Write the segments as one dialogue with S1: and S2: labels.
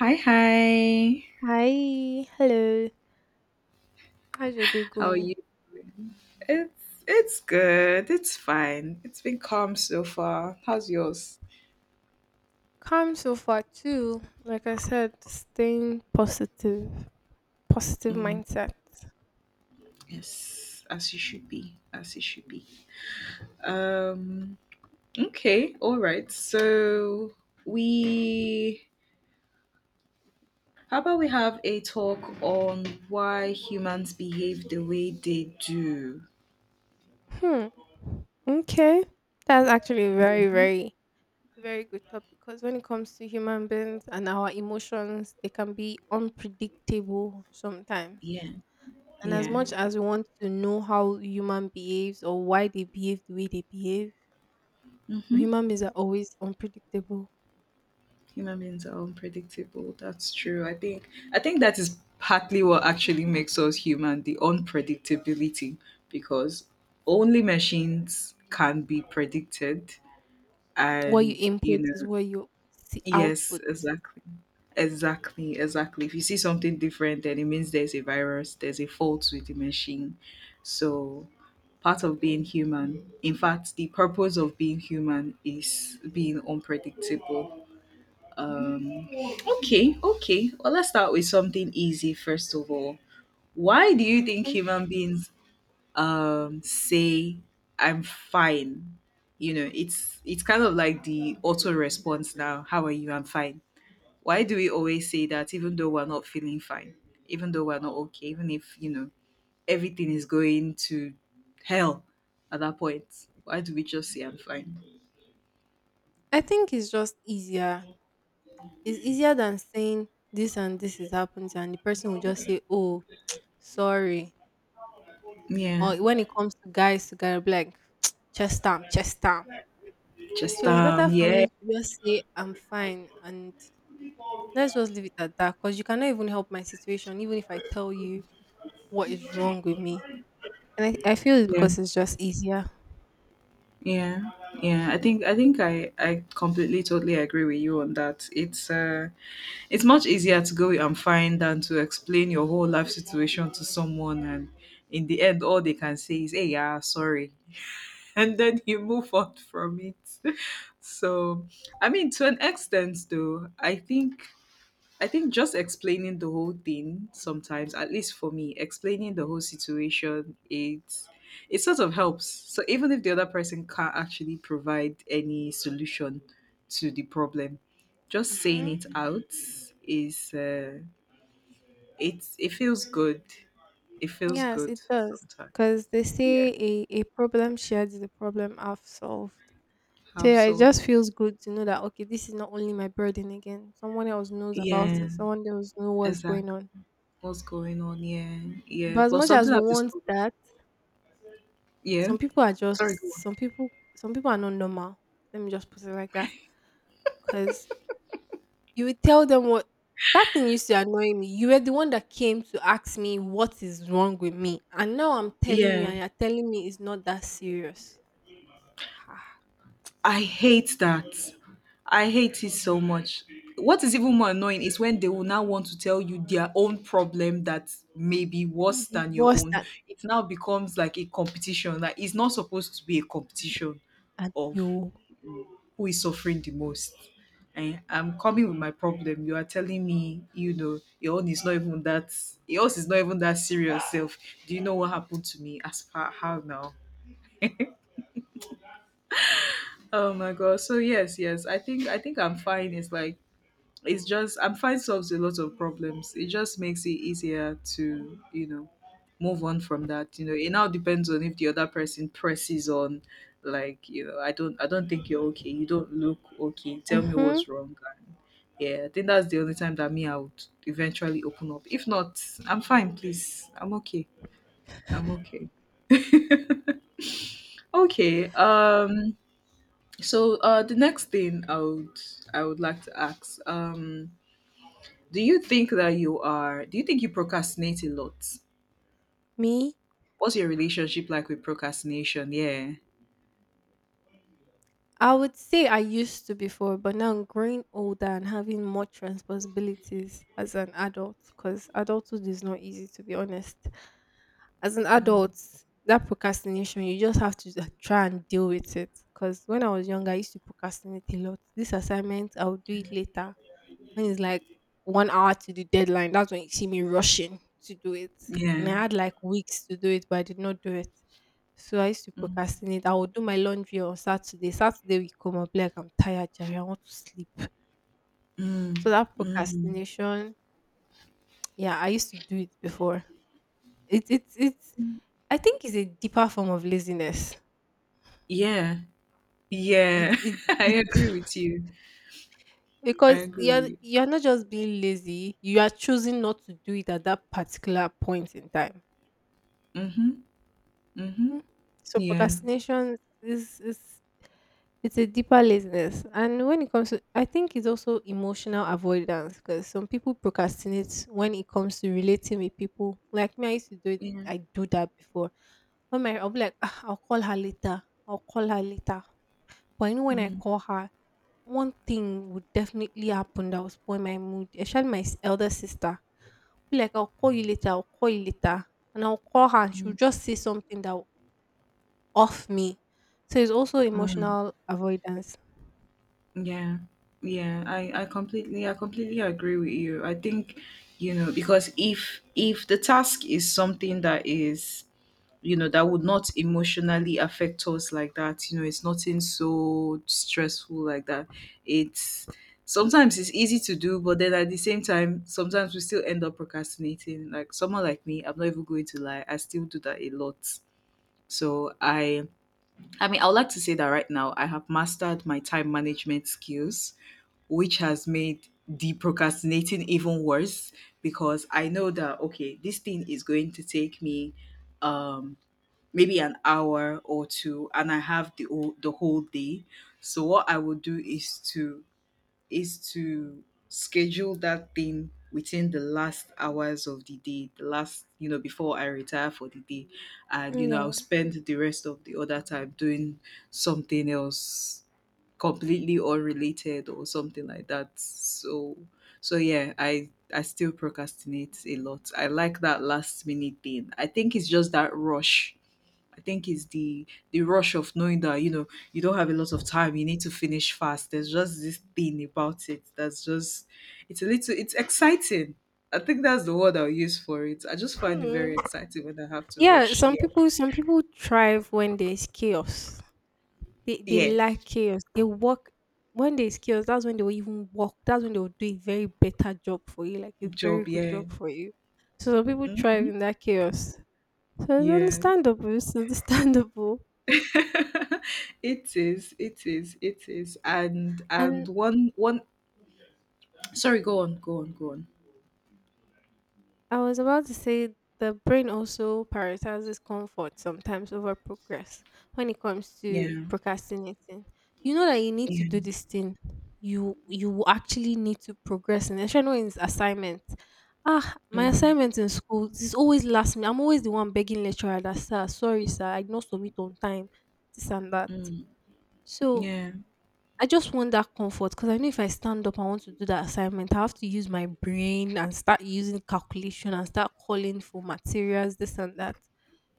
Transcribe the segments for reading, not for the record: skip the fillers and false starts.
S1: Hi, hi.
S2: Hi, hello. How's your day
S1: How are
S2: going?
S1: you? It's good. It's fine. It's been calm so far. How's yours?
S2: Calm so far too. Like I said, staying positive, positive
S1: Mm,
S2: mindset.
S1: yes, as you should be. As you should be. Um. Okay. All right. So we. How about we have a talk on why humans behave the way they do?
S2: Hmm. Okay. That's actually a
S1: Yeah.
S2: very, very, very good topic because when it comes to human beings and our emotions, they can be unpredictable sometimes.
S1: Yeah.
S2: And as
S1: Yeah.
S2: much as we want to know how human behaves or why they behave the way they behave,
S1: Mm-hmm.
S2: human beings are always unpredictable.
S1: Human beings are unpredictable, that's true. I think that is partly what actually makes us human, the unpredictability, because only machines can be predicted.
S2: What you
S1: And you
S2: input is
S1: know
S2: what you see
S1: Yes,
S2: output.
S1: exactly, exactly, exactly. If you see something different, then it means there's a virus, there's a fault with the machine. So part of being human, in fact the purpose of being human, is being unpredictable. um Okay, okay. Well, let's start with something easy first of all. Why do you think
S2: Okay.
S1: human beings say I'm fine? You know, it's kind of like the auto response now. How are you? I'm fine. Why do we always say that even though we're not feeling fine, even though we're not okay, even if, everything is going to hell at that point? Why do we just say I'm fine?
S2: I think it's just easier. It's easier than saying this and this is happening, and the person will just say, "Oh, sorry."
S1: Yeah.
S2: Or when it comes to guys together, be like chest down, chest down.
S1: Just
S2: So it's better for
S1: yeah,
S2: me to just say I'm fine and let's just leave it at that. Because you cannot even help my situation, even if I tell you what is wrong with me. And I feel it's
S1: yeah.
S2: because it's just easier.
S1: Yeah, yeah. I think I completely totally agree with you on that. It's much easier to go and find than to explain your whole life situation to someone, and in the end, all they can say is, "Hey, yeah, sorry," and then you move on from it. So, I mean, to an extent, though, I think just explaining the whole thing sometimes, at least for me, explaining the whole situation, it sort of helps. So even if the other person can't actually provide any solution to the problem, just saying
S2: Hmm.
S1: it out is it feels good. It feels
S2: Yes, it
S1: good
S2: does.
S1: sometimes.
S2: Because they
S1: Yeah.
S2: say a problem shared is a problem half solved. So
S1: Have
S2: yeah, it
S1: so.
S2: just feels good to know that okay, this is not only my burden again. Someone else knows about
S1: Yeah.
S2: it. Someone else knows what's going
S1: Exactly.
S2: on.
S1: What's going on? Yeah.
S2: But
S1: Yeah.
S2: as
S1: Plus
S2: much as
S1: something
S2: we
S1: I've
S2: want
S1: discovered.
S2: that,
S1: Yeah.
S2: some people are
S1: Sorry, go
S2: just
S1: on.
S2: some people are not normal. Let me just put it like that. Cause you would tell them what that thing used to annoy me. You were the one that came to ask me what is wrong with me. And now I'm telling you
S1: Yeah.
S2: and you're telling me it's not that serious. Ha.
S1: I hate that. I hate it so much. What is even more annoying is when they will now want to tell you their own problem that may be worse
S2: Be
S1: than your
S2: worse
S1: own.
S2: than
S1: It now becomes like a competition. Like, it's not supposed to be a
S2: be-
S1: competition
S2: and
S1: of
S2: you.
S1: who is suffering the most. And I'm coming with my problem, you are telling me, you know, your own is not even that, yours is not even that serious self. Do you know what happened to me? As far how now? Oh my god. So yes, yes. I think I'm fine. It's like, it's just I'm fine solves a lot of problems. It just makes it easier to, you know, move on from that. You know, it now depends on if the other person presses on like, you know, I don't think you're okay, you don't look okay, tell me
S2: Mm-hmm.
S1: what's wrong. And yeah, I think that's the only time that me I would eventually open up. If not, I'm fine, please. I'm okay. I'm okay. Okay. So the next thing I would like to ask, do you think you procrastinate a lot?
S2: Me?
S1: What's your relationship like with procrastination? Yeah.
S2: I would say I used to before, but now growing older and having much responsibilities as an adult, because adulthood is not easy to be honest. As an
S1: Mm.
S2: adult, that procrastination, you just have to just try and deal with it. Because when I was younger, I used to procrastinate a lot. This assignment, I'll do it later. When it's like 1 hour to the deadline, that's when you see me rushing to do it. And I
S1: Yeah.
S2: had like weeks to do it, but I did not do it. So I used to
S1: Mm.
S2: procrastinate. I would do my laundry on Saturday. Saturday we come up like I'm tired, Jerry. I want to sleep.
S1: Mm.
S2: So that
S1: Mm.
S2: procrastination, yeah, I used to do it before. It's I think it's a deeper form of laziness.
S1: Yeah.
S2: It,
S1: Yeah.
S2: it's
S1: I
S2: deep
S1: agree with you. I
S2: because you're
S1: agree.
S2: you're not just being lazy. You are choosing not to do it at that particular point in time.
S1: Mm-hmm. Mm-hmm.
S2: Mm. So
S1: Yeah.
S2: procrastination is it's a deeper laziness. And when it comes to, I think it's also emotional avoidance because some people procrastinate when it comes to relating with people. Like me, I used to do it,
S1: Yeah.
S2: I do that before. When my, I'll be like, "Ah, I'll call her later. I'll call her later." But I know when I
S1: Mm-hmm.
S2: call her, one thing would definitely happen that would spoil my mood. Especially my elder sister. Be like, I'll call you later, I'll call you later. And I'll call her and she'll just say something that off me. So it's also
S1: Mm.
S2: emotional avoidance.
S1: Yeah. Yeah, I completely, I completely agree with you. I think, you know, because if the task is something that is, you know, that would not emotionally affect us like that, you know, it's nothing so stressful like that, it's sometimes it's easy to do, but then at the same time sometimes we still end up procrastinating. Like, someone like me, I'm not even going to lie, I still do that a lot. so i I mean, I would like to say that right now I have mastered my time management skills, which has made the procrastinating even worse, because I know that, okay, this thing is going to take me, um, maybe an hour or two, and I have the whole day. So what I will do is to, is to schedule that thing within the last hours of the day, the last, you know, before I retire for the day. And, you know, I'll
S2: Yeah.
S1: spend the rest of the other time doing something else completely unrelated or something like that. So, so yeah, I still procrastinate a lot. I like that last minute thing. I think it's just that rush. I think it's the rush of knowing that, you know, you don't have a lot of time, you need to finish fast. There's just this thing about it that's just, it's a little it's exciting. I think that's the word I'll use for it. I just find it
S2: Hmm.
S1: very exciting when I have to
S2: Yeah,
S1: rush.
S2: some
S1: Yeah,
S2: people thrive when there's chaos. They
S1: yeah,
S2: like chaos. They work when there's chaos, that's when they will even work. That's when they will do a very better job for you, like a very
S1: job.
S2: good
S1: Yeah.
S2: job for you. So some people thrive
S1: Hmm,
S2: in that chaos. So it's
S1: yeah.
S2: understandable, it's understandable.
S1: It is. It is. It is. And
S2: And
S1: one one. Sorry, go on. Go on. Go on.
S2: I was about to say the brain also prioritizes comfort sometimes over progress when it comes to
S1: Yeah.
S2: procrastinating. You know that you need to
S1: Yeah.
S2: do this thing. You will actually need to progress in it, especially when it's assignment. Ah, my
S1: Mm,
S2: assignment in school is always last minute. I'm always the one begging lecturer that sir, sorry sir, I did not submit on time, this and that.
S1: mm,
S2: So
S1: yeah.
S2: I just want that comfort because I know if I stand up, I want to do that assignment. I have to use my brain and start using calculation and start calling for materials, this and that.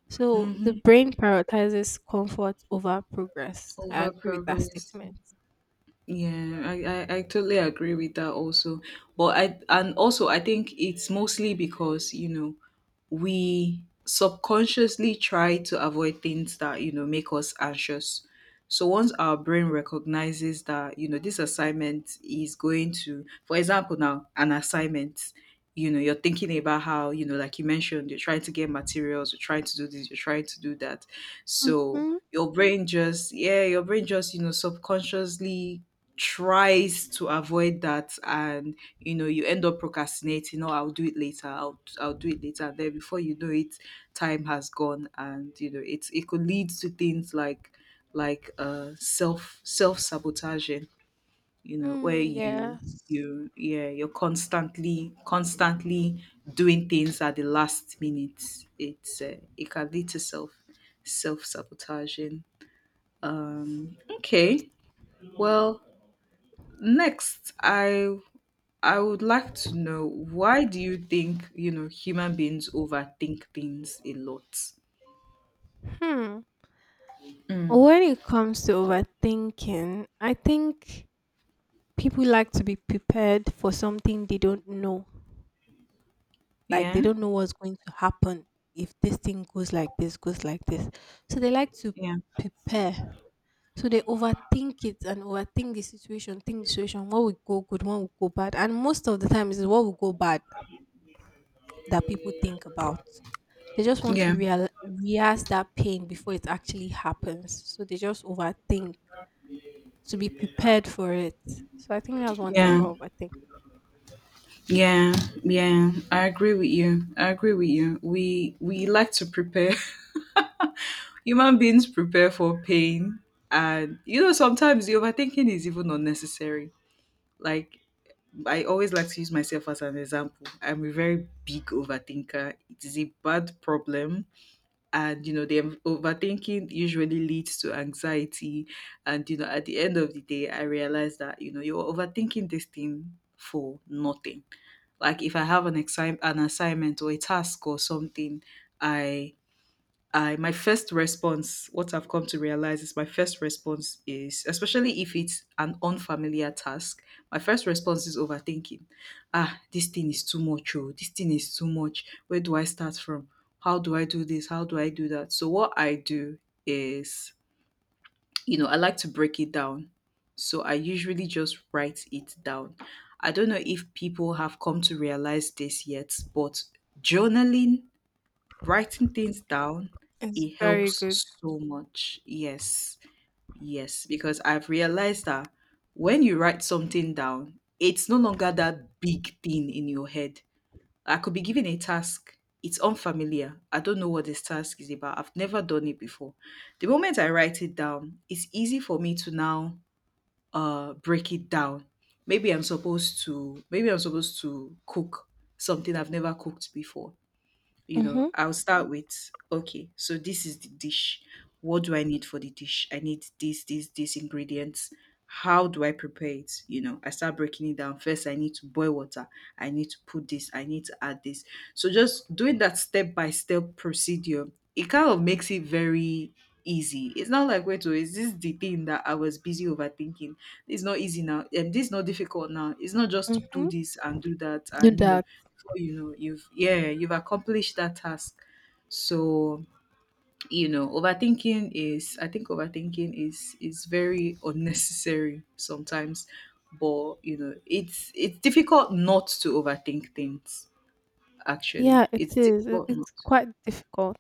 S2: So
S1: Mm-hmm.
S2: the brain prioritizes comfort over progress. I
S1: Over
S2: agree with that
S1: progress.
S2: statement.
S1: Yeah, I totally agree with that also. But I, and also I think it's mostly because, you know, we subconsciously try to avoid things that, you know, make us anxious. So once our brain recognizes that, you know, this assignment is going to, for example, now an assignment, you know, you're thinking about how, you know, like you mentioned, you're trying to get materials, you're trying to do this, you're trying to do that, so
S2: Mm-hmm.
S1: your brain just, yeah, your brain just, you know, subconsciously tries to avoid that, and, you know, you end up procrastinating. Oh, I'll do it later, I'll do it later. And then before you know it, time has gone, and, you know, it's, it could lead to things like self sabotaging, you know, where
S2: Mm,
S1: you
S2: yes.
S1: you yeah, you're constantly doing things at the last minute. It's it can lead to self sabotaging. Okay, well, next I would like to know, why do you think, you know, human beings overthink things a lot?
S2: Hmm.
S1: Mm.
S2: When it comes to overthinking, I think people like to be prepared for something they don't know. Like
S1: Yeah.
S2: they don't know what's going to happen if this thing goes like this goes like this, so they like to
S1: Yeah.
S2: prepare. So they overthink it and overthink the situation, think the situation what will go good, what will go bad, and most of the time is what will go bad that people think about. They just want to
S1: Yeah.
S2: realize that pain before it actually happens, so they just overthink to be prepared for it. So I think that's one thing
S1: Yeah.
S2: about overthink.
S1: Yeah, yeah, I agree with you. I agree with you. We like to prepare. Human beings prepare for pain, and, you know, sometimes the overthinking is even unnecessary. Like, I always like to use myself as an example. I'm a very big overthinker. It is a bad problem, and, you know, the overthinking usually leads to anxiety, and, you know, at the end of the day I realized that, you know, you're overthinking this thing for nothing. Like, if I have an exam, an assignment or a task or something, i I my first response, what I've come to realize is, my first response is, especially if it's an unfamiliar task, my first response is overthinking. Ah, this thing is too much, oh, this thing is too much. Where do I start from? How do I do this? How do I do that? So what I do is, you know, I like to break it down. So I usually just write it down. I don't know if people have come to realize this yet, but journaling, writing things down,
S2: It's
S1: it
S2: very
S1: helps
S2: good.
S1: so much. Yes, yes, because I've realized that when you write something down, it's no longer that big thing in your head. I could be given a task, it's unfamiliar, I don't know what this task is about, I've never done it before. The moment I write it down, it's easy for me to now break it down. Maybe I'm supposed to cook something I've never cooked before. You know,
S2: Mm-hmm.
S1: I'll start with, okay, so this is the dish. What do I need for the dish? I need this, this ingredients. How do I prepare it? You know, I start breaking it down. First I need to boil water, I need to put this, I need to add this. So just doing that step by step procedure, it kind of makes it very easy. It's not like, wait, oh, is this the thing that I was busy overthinking? It's not easy now, and this is not difficult now, it's not, just to do
S2: Mm-hmm.
S1: this and do that,
S2: Do
S1: and, you know,
S2: that.
S1: before you know you've, yeah, you've accomplished that task. So, you know, overthinking is, I think overthinking is very unnecessary sometimes. But, you know, it's difficult not to overthink things. Actually,
S2: Yeah, it
S1: it's
S2: is. It,
S1: difficult not
S2: it's
S1: to.
S2: quite difficult.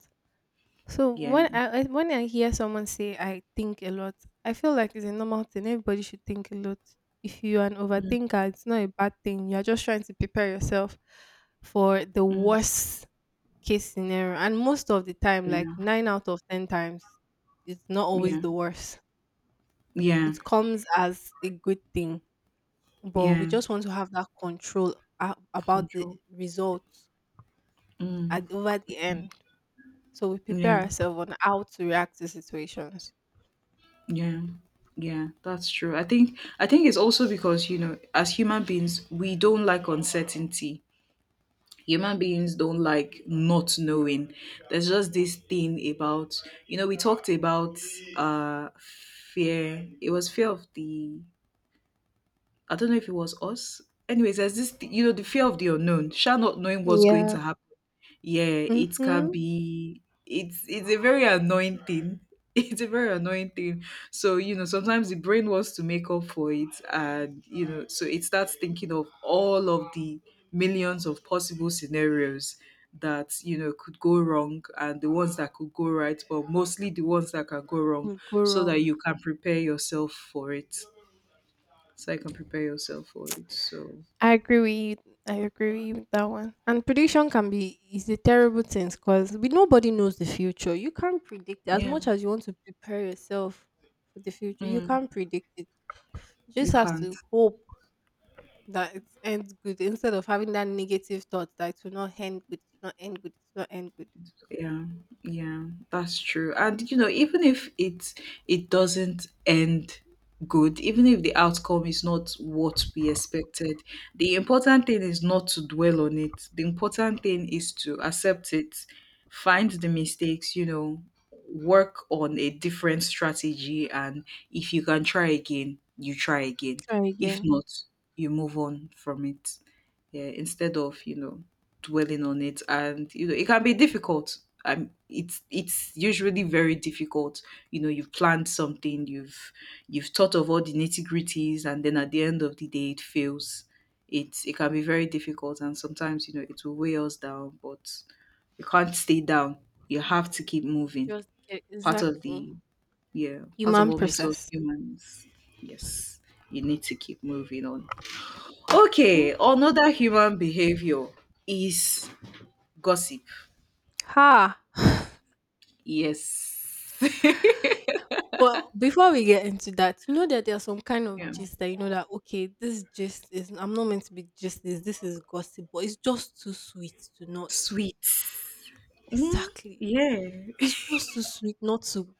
S2: So
S1: Yeah.
S2: when when I hear someone say I think a lot, I feel like it's a normal thing. Everybody should think a lot. If you are an
S1: Mm,
S2: overthinker, it's not a bad thing. You're just trying to prepare yourself for the
S1: mm,
S2: worst case scenario. And most of the time, like
S1: yeah.
S2: nine out of ten times, it's not always
S1: Yeah.
S2: the worst.
S1: Yeah.
S2: It comes as a good thing, but we
S1: Yeah.
S2: just want to have that control about the
S1: Control.
S2: results
S1: Mm,
S2: at over the end. So we prepare
S1: yeah.
S2: ourselves on how to react to situations.
S1: Yeah. Yeah, that's true. I think it's also because, you know, as human beings, we don't like uncertainty. Human beings don't like not knowing. There's just this thing about, you know, we talked about uh fear. It was fear of the, I don't know if it was us. Anyways, there's the fear of the unknown, sure, not knowing what's going
S2: Yeah.
S1: to happen. Yeah, it can
S2: Mm-hmm.
S1: be. It's a very annoying thing. It's a very annoying thing. So sometimes the brain wants to make up for it, and so it starts thinking of all of the millions of possible scenarios that could go wrong and the ones that could go right, but mostly the ones that can go wrong,
S2: Could go
S1: so that
S2: wrong.
S1: you can prepare yourself for it So
S2: I agree with you. I agree with you with that one. And prediction can be is a terrible thing because we nobody knows the future. You can't predict it. As
S1: yeah,
S2: much as you want to prepare yourself for the future. You
S1: mm,
S2: can't predict it. You
S1: you
S2: just have
S1: can't.
S2: to hope that it ends good instead of having that negative thought that it will not end good, it's not end good, it's not end good.
S1: Yeah, yeah, that's true. And even if it doesn't end good, even if the outcome is not what we expected, the important thing is not to dwell on it. The important thing is to accept it, find the mistakes, work on a different strategy, and if you can try again, you try again.
S2: Try
S1: If
S2: again.
S1: not, you move on from it. Yeah, instead of, dwelling on it. And it can be difficult. It's usually very difficult. You've planned something, you've thought of all the nitty-gritties, and then at the end of the day it fails. It can be very difficult, and sometimes it will weigh us down, but you can't stay down, you have to keep moving.
S2: Just get
S1: Part of
S2: exactly
S1: the, yeah, part of
S2: human
S1: what makes us
S2: process.
S1: humans. Yes, you need to keep moving on.
S2: Mm.
S1: Okay, another human behavior is gossip.
S2: Ha.
S1: Yes.
S2: But before we get into that, you know that there are some kind of
S1: Yeah.
S2: gist that you know that okay, this gist is I'm not meant to be gist this, this is gossip, but it's just too sweet to not
S1: Sweet. Mm,
S2: exactly.
S1: yeah.
S2: It's just too sweet not to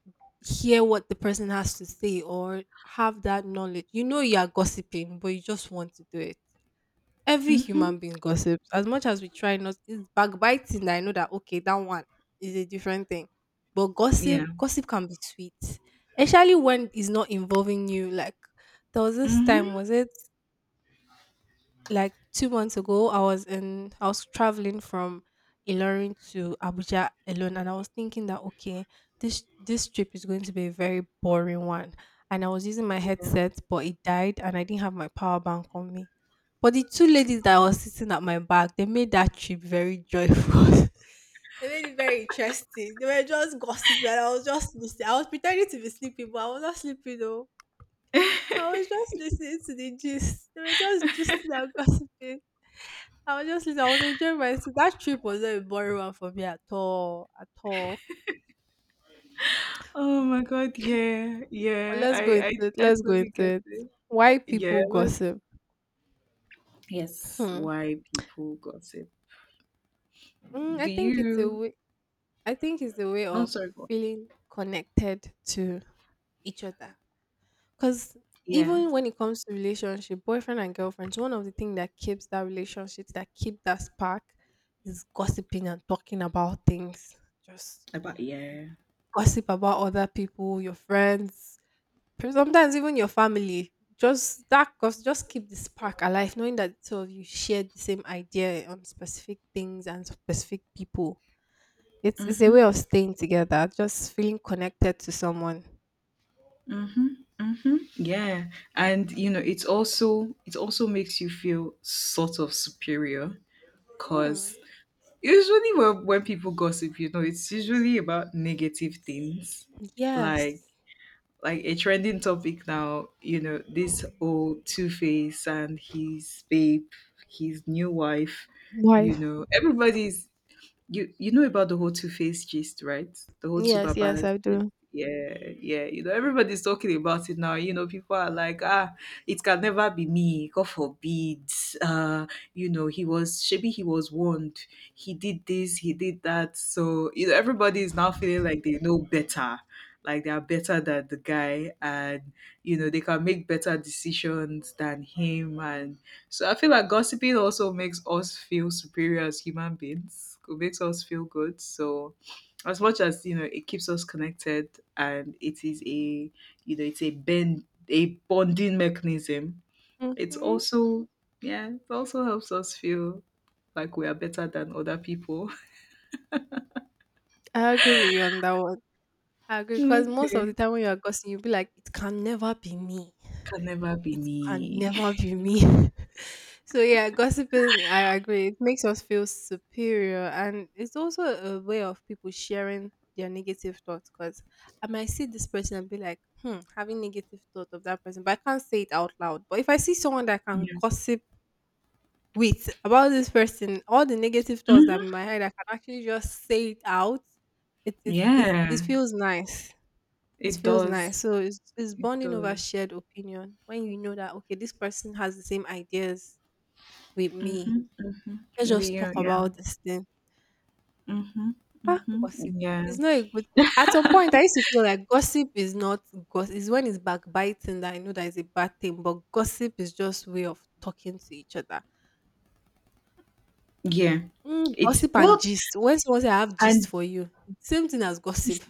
S2: hear what the person has to say or have that knowledge. You know you are gossiping, but you just want to do it. Every
S1: Mm-hmm.
S2: human being gossips. As much as we try not, it's backbiting that I know that okay, that one is a different thing. But gossip,
S1: Yeah.
S2: gossip can be sweet, especially when it's not involving you. Like there was this time,
S1: Mm-hmm.
S2: was it like 2 months ago, I was in I was traveling from Ilorin to Abuja alone, and I was thinking that okay, this trip is going to be a very boring one. And I was using my
S1: Yeah.
S2: headset, but it died, and I didn't have my power bank on me. But the two ladies that
S1: Oh.
S2: was sitting at my back, they made that trip very joyful. They made it very interesting. They were just gossiping, and I was just listening. I was pretending to be sleeping, but I was not sleeping though. I was just listening to the gist. They were just gisting and gossiping. I was just listening. I was enjoying myself. That trip was not a boring one for me at all. At all.
S1: Oh my god, yeah,
S2: But
S1: yeah.
S2: let's go into
S1: I,
S2: it.
S1: I I
S2: Let's go
S1: totally
S2: into
S1: get
S2: it.
S1: it.
S2: Why
S1: Yeah,
S2: people
S1: that's,
S2: gossip?
S1: yes,
S2: Hmm.
S1: why people gossip.
S2: Mm, I
S1: Do
S2: think it's a
S1: you
S2: way. I think it's a way
S1: No,
S2: of
S1: sorry, go on.
S2: feeling connected to each other. Because
S1: Yeah.
S2: even when it comes to relationship, boyfriend and girlfriends, one of the things that keeps that relationship, that keep that spark, is gossiping and talking about things. Just
S1: About, yeah.
S2: gossip about other people, your friends, sometimes even your family. Just that gossip, just keep the spark alive, knowing that the two of you share the same idea on specific things and specific people. It's a way
S1: Mm-hmm.
S2: of staying together, just feeling connected to someone.
S1: Mm-hmm. Mm-hmm. Yeah. And it's also, it also makes you feel sort of superior, because
S2: Hmm.
S1: usually, when people gossip, it's usually about negative things, like
S2: Yes.
S1: like a trending topic now. You know, this old Two Face and his babe, his new wife. You
S2: Why?
S1: know, everybody's, you know about the whole Two Face gist, right? The whole Two
S2: Yes, yes,
S1: Babas
S2: I
S1: gist.
S2: do.
S1: Yeah, yeah. You know, everybody's talking about it now. You know, people are like, ah, it can never be me. God forbid. Uh, you know, he was maybe he was warned. He did this, he did that. So everybody is now feeling like they know better, like they are better than the guy, and they can make better decisions than him. And so I feel like gossiping also makes us feel superior as human beings. It makes us feel good. So as much as it keeps us connected, and it is a, it's a bend a bonding mechanism, it's
S2: Hmm.
S1: also, yeah, it also helps us feel like we are better than other people.
S2: I agree with you on that one. I agree because most of the
S1: Okay.
S2: time when you are gossiping, you'll be like, "It can never be me.
S1: Can never be
S2: It can
S1: me.
S2: never be me." So yeah, gossiping. I agree. It makes us feel superior, and it's also a way of people sharing their negative thoughts. Because I might see this person and be like, "Hmm," having negative thought of that person, but I can't say it out loud. But if I see someone that can
S1: Yeah.
S2: gossip with about this person, all the negative thoughts that are in
S1: Mhm.
S2: my head, I can actually just say it out. It
S1: Yeah,
S2: feels nice. It
S1: it
S2: feels nice.
S1: does.
S2: So it's
S1: It
S2: bonding over
S1: does.
S2: shared opinion. When you know that okay, this person has the same ideas with me.
S1: Mm-hmm,
S2: Let's
S1: mm-hmm.
S2: just talk
S1: Yeah,
S2: about this thing.
S1: mhm,
S2: Ah,
S1: mhm.
S2: gossip.
S1: Yeah,
S2: It's not a good. At some point, I used to feel like gossip is not gossip. It's when it's backbiting that I know that is a bad thing. But gossip is just way of talking to each other.
S1: yeah. It's
S2: Gossip and
S1: well,
S2: gist. When someone say I have gist
S1: and
S2: for you, it's same thing as
S1: it's,
S2: gossip.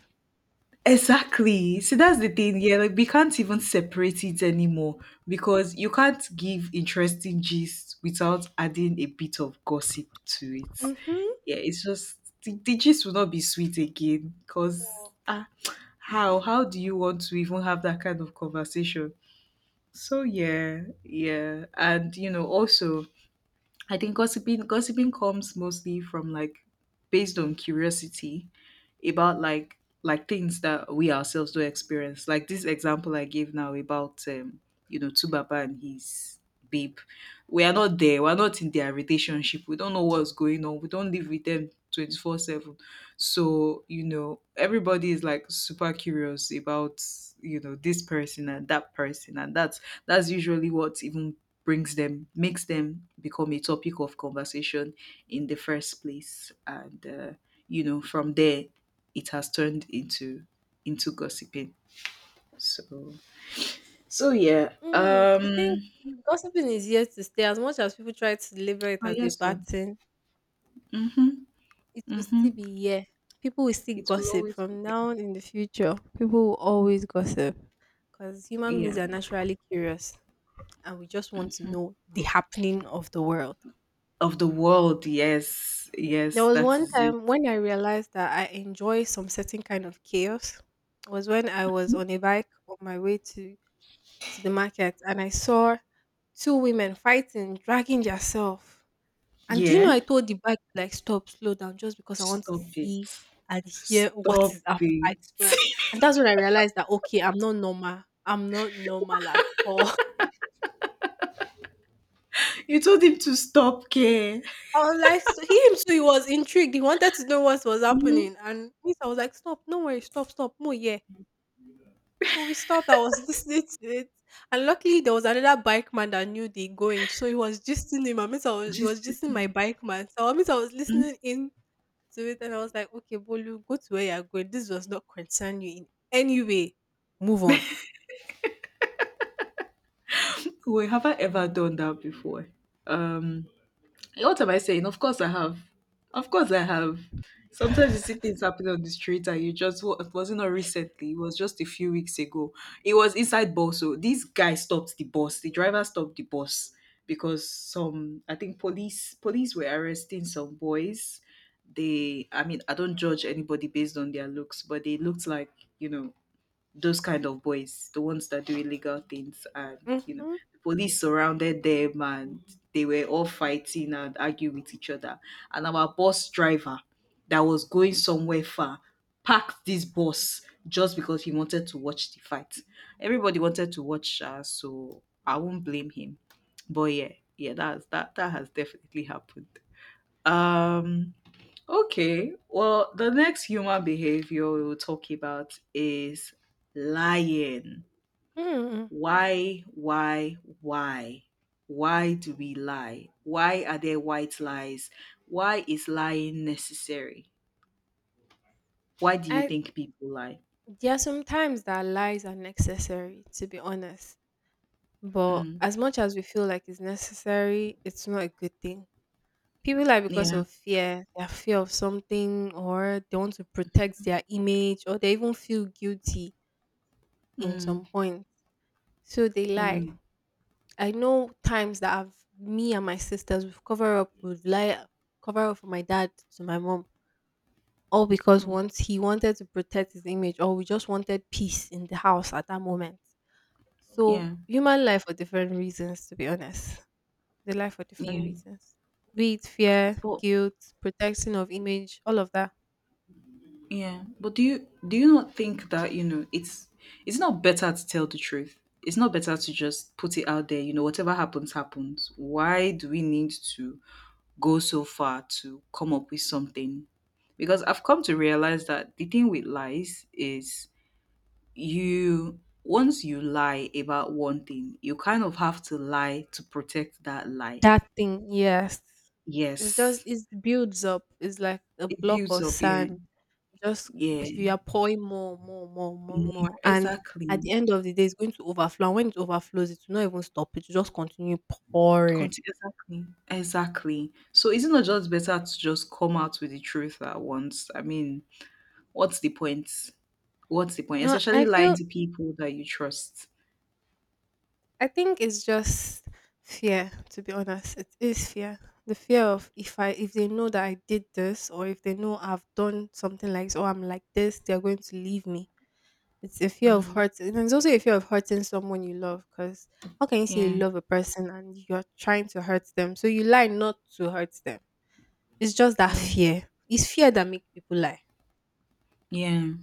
S1: exactly. So that's the thing. Yeah, like we can't even separate it anymore, because you can't give interesting gist without adding a bit of gossip to it.
S2: Mm-hmm.
S1: Yeah, it's just the gist will not be sweet again, because ah, how do you want to even have that kind of conversation? So yeah, yeah, and also I think gossiping comes mostly from like based on curiosity about like things that we ourselves do experience. Like this example I gave now about you know, Tubaba and his babe. We are not there, we're not in their relationship. We don't know what's going on. We don't live with them 24-7. So, you know, everybody is like super curious about, this person and that person. And that's usually what even brings them makes them become a topic of conversation in the first place. And you know, from there it has turned into gossiping. So so yeah.
S2: Mm, I think gossiping is here to stay. As much as people try to label it
S1: I
S2: as a
S1: guess so.
S2: bad thing,
S1: Mm-hmm.
S2: it will
S1: Mm-hmm.
S2: still be here. People will still
S1: It will
S2: gossip
S1: always be
S2: from now on in the future. People will always gossip because human
S1: here.
S2: beings
S1: Yeah.
S2: are naturally curious and we just want to
S1: Mm.
S2: know the happening of the world.
S1: Of the world, yes.
S2: There
S1: Yes,
S2: was
S1: that
S2: one
S1: is it.
S2: time when I realized that I enjoy some certain kind of chaos. Was when I was on a bike on my way to the market and I saw two women fighting, dragging yourself. And do you know
S1: Yeah.
S2: I told the bike to like stop, slow down, just because I want to
S1: Stop it.
S2: see and hear what
S1: Stop
S2: is up.
S1: it.
S2: I swear. And that's when I realized that okay, I'm not normal. I'm not normal at all.
S1: You told him to stop care.
S2: I was like, so he him too, he was intrigued. He wanted to know what was
S1: Mhm.
S2: happening. And me, I was like, stop, no worry, stop, stop. More yeah. So we stopped. I was listening to it, and luckily there was another bike man that knew the going, so he was gisting him. He
S1: Just,
S2: was gisting my bike man. So I was
S1: mhm.
S2: listening in to it, and I was like, "Okay, Bolu, go to where you're going. This does not concern you in any way. Move on."
S1: Wait, have I ever done that before? Um What am I saying? Of course I have. Of course I have. Sometimes you see things happening on the street and you just it wasn't, not recently, it was just a few weeks ago. It was inside bus. So this guy stopped the bus. The driver stopped the bus because some, I think police were arresting some boys. They, I mean, I don't judge anybody based on their looks, but they looked like, you know, those kind of boys, the ones that do illegal things, and you know,
S2: Mm-hmm.
S1: the police surrounded them and they were all fighting and arguing with each other. And our bus driver that was going somewhere far packed this bus just because he wanted to watch the fight. Everybody wanted to watch, so I won't blame him. But yeah, yeah, that's that has definitely happened. Um Okay, well, the next human behavior we will talk about is lying.
S2: mm
S1: Why, why, why? Why do we lie? Why are there white lies? Why is lying necessary? Why do you
S2: I
S1: think people lie?
S2: There are some times that lies are necessary, to be honest. But
S1: Mm,
S2: as much as we feel like it's necessary, it's not a good thing. People lie because
S1: yeah,
S2: of fear, their fear of something, or they want to protect their image, or they even feel guilty in
S1: mm,
S2: some point. So they lie.
S1: mm,
S2: I know times that I've me and my sisters we've lie cover up for my dad to my mom. All because
S1: mm,
S2: once he wanted to protect his image or we just wanted peace in the house at that moment. So
S1: yeah,
S2: human life for different reasons, to be honest. They lie for different
S1: yeah.
S2: reasons. Be it fear,
S1: But
S2: guilt, protection of image, all of that.
S1: yeah, but do you not think that you know it's not better to tell the truth? It's not better to just put it out there. You know, whatever happens, happens. Why do we need to go so far to come up with something? Because I've come to realize that the thing with lies is you, once you lie about one thing, you kind of have to lie to protect that lie.
S2: That thing, yes. It's just
S1: Yes,
S2: it builds up. It's like a
S1: it
S2: block
S1: builds
S2: of
S1: up. Yeah,
S2: sand. Just
S1: yeah,
S2: if you are pouring more, more, more, more,
S1: more
S2: more. And
S1: exactly.
S2: at the end of the day, it's going to overflow. And when it overflows, it will not even stop. It will just continue pouring.
S1: Conti- exactly, exactly. So is it not just better to just come out with the truth at once? I mean, what's the point, what's the point,
S2: No,
S1: especially
S2: I
S1: lying
S2: feel
S1: to people that you trust?
S2: I think it's just fear, to be honest. It is fear. The fear of if they know that I did this or if they know I've done something like this or I'm like this, they're going to leave me. It's a fear of
S1: Mm,
S2: hurting. And it's also a fear of hurting someone you love because how can you say
S1: yeah,
S2: you love a person and you're trying to hurt them? So you lie not to hurt them. It's just that
S1: mm.
S2: fear. It's fear that makes people lie.
S1: Yeah,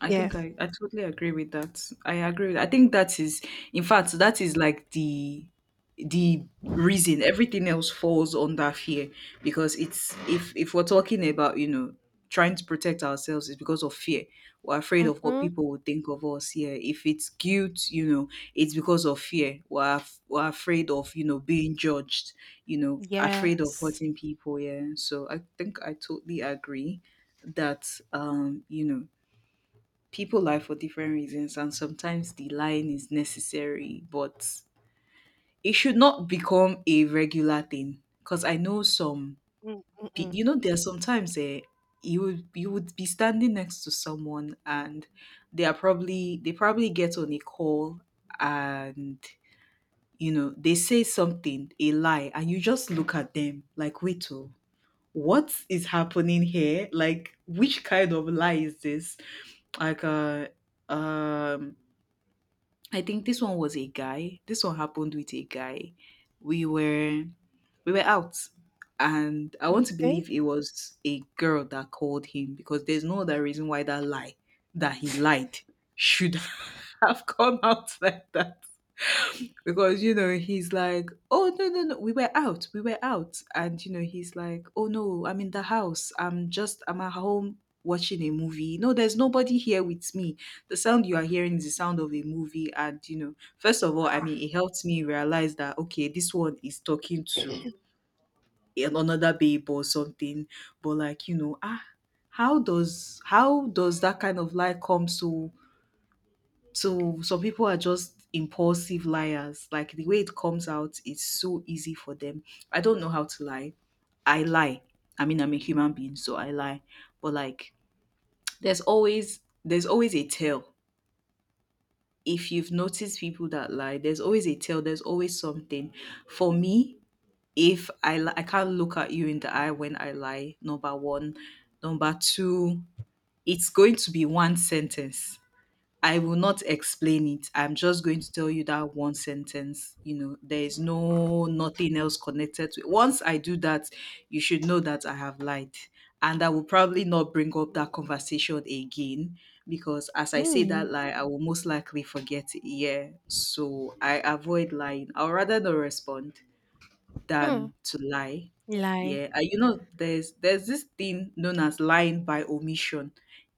S1: I
S2: Yeah.
S1: think I totally agree with that. I agree. With, I think that is, in fact, that is like the reason everything else falls under fear, because it's, if we're talking about you know trying to protect ourselves, it's because of fear. We're afraid of what
S2: Mm-hmm.
S1: people would think of us. Yeah, if it's guilt, you know, it's because of fear. We're afraid of, you know, being judged, you know, afraid of
S2: Yes.
S1: hurting people. Yeah, so I think I totally agree that you know people lie for different reasons, and sometimes the lying is necessary, but it should not become a regular thing, because I know some
S2: Mm-mm-mm.
S1: you know, there are sometimes, you would, you would be standing next to someone and they probably get on a call and you know they say something, a lie, and you just look at them like, wait, oh, what is happening here, like which kind of lie is this, like uh um I think this one was a guy. This one happened with a guy. We were, we were out, and I want to
S2: Okay.
S1: believe it was a girl that called him because there's no other reason why that he lied should have come out like that. Because you know he's like, oh, no, no, no, we were out. And you know he's like, oh no, I'm in the house, I'm just, I'm at home watching a movie, no there's nobody here with me, the sound you are hearing is the sound of a movie. And you know, first of all, I
S2: Ah.
S1: mean, it helped me realize that okay, this one is talking to another babe or something. But like, you know, ah, how does that kind of lie come so, so some people are just impulsive liars. Like the way it comes out is so easy for them. I don't know how to lie. I lie. I mean, I'm a human being, so I lie. But like, there's always a tell. If you've noticed people that lie, there's always a tell. There's always something. For me, if I li- I can't look at you in the eye when I lie, number one, number two, it's going to be one sentence, I will not explain it. I'm just going to tell you that one sentence. You know, there is nothing else connected to it. Once I do that, you should know that I have lied. And I will probably not bring up that conversation again because as I say that
S2: Mm.
S1: lie, I will most likely forget it. Yeah. So I avoid lying. I'll rather not respond
S2: Hmm.
S1: than to lie.
S2: Lie.
S1: Yeah, and you know, there's this thing known as lying by omission.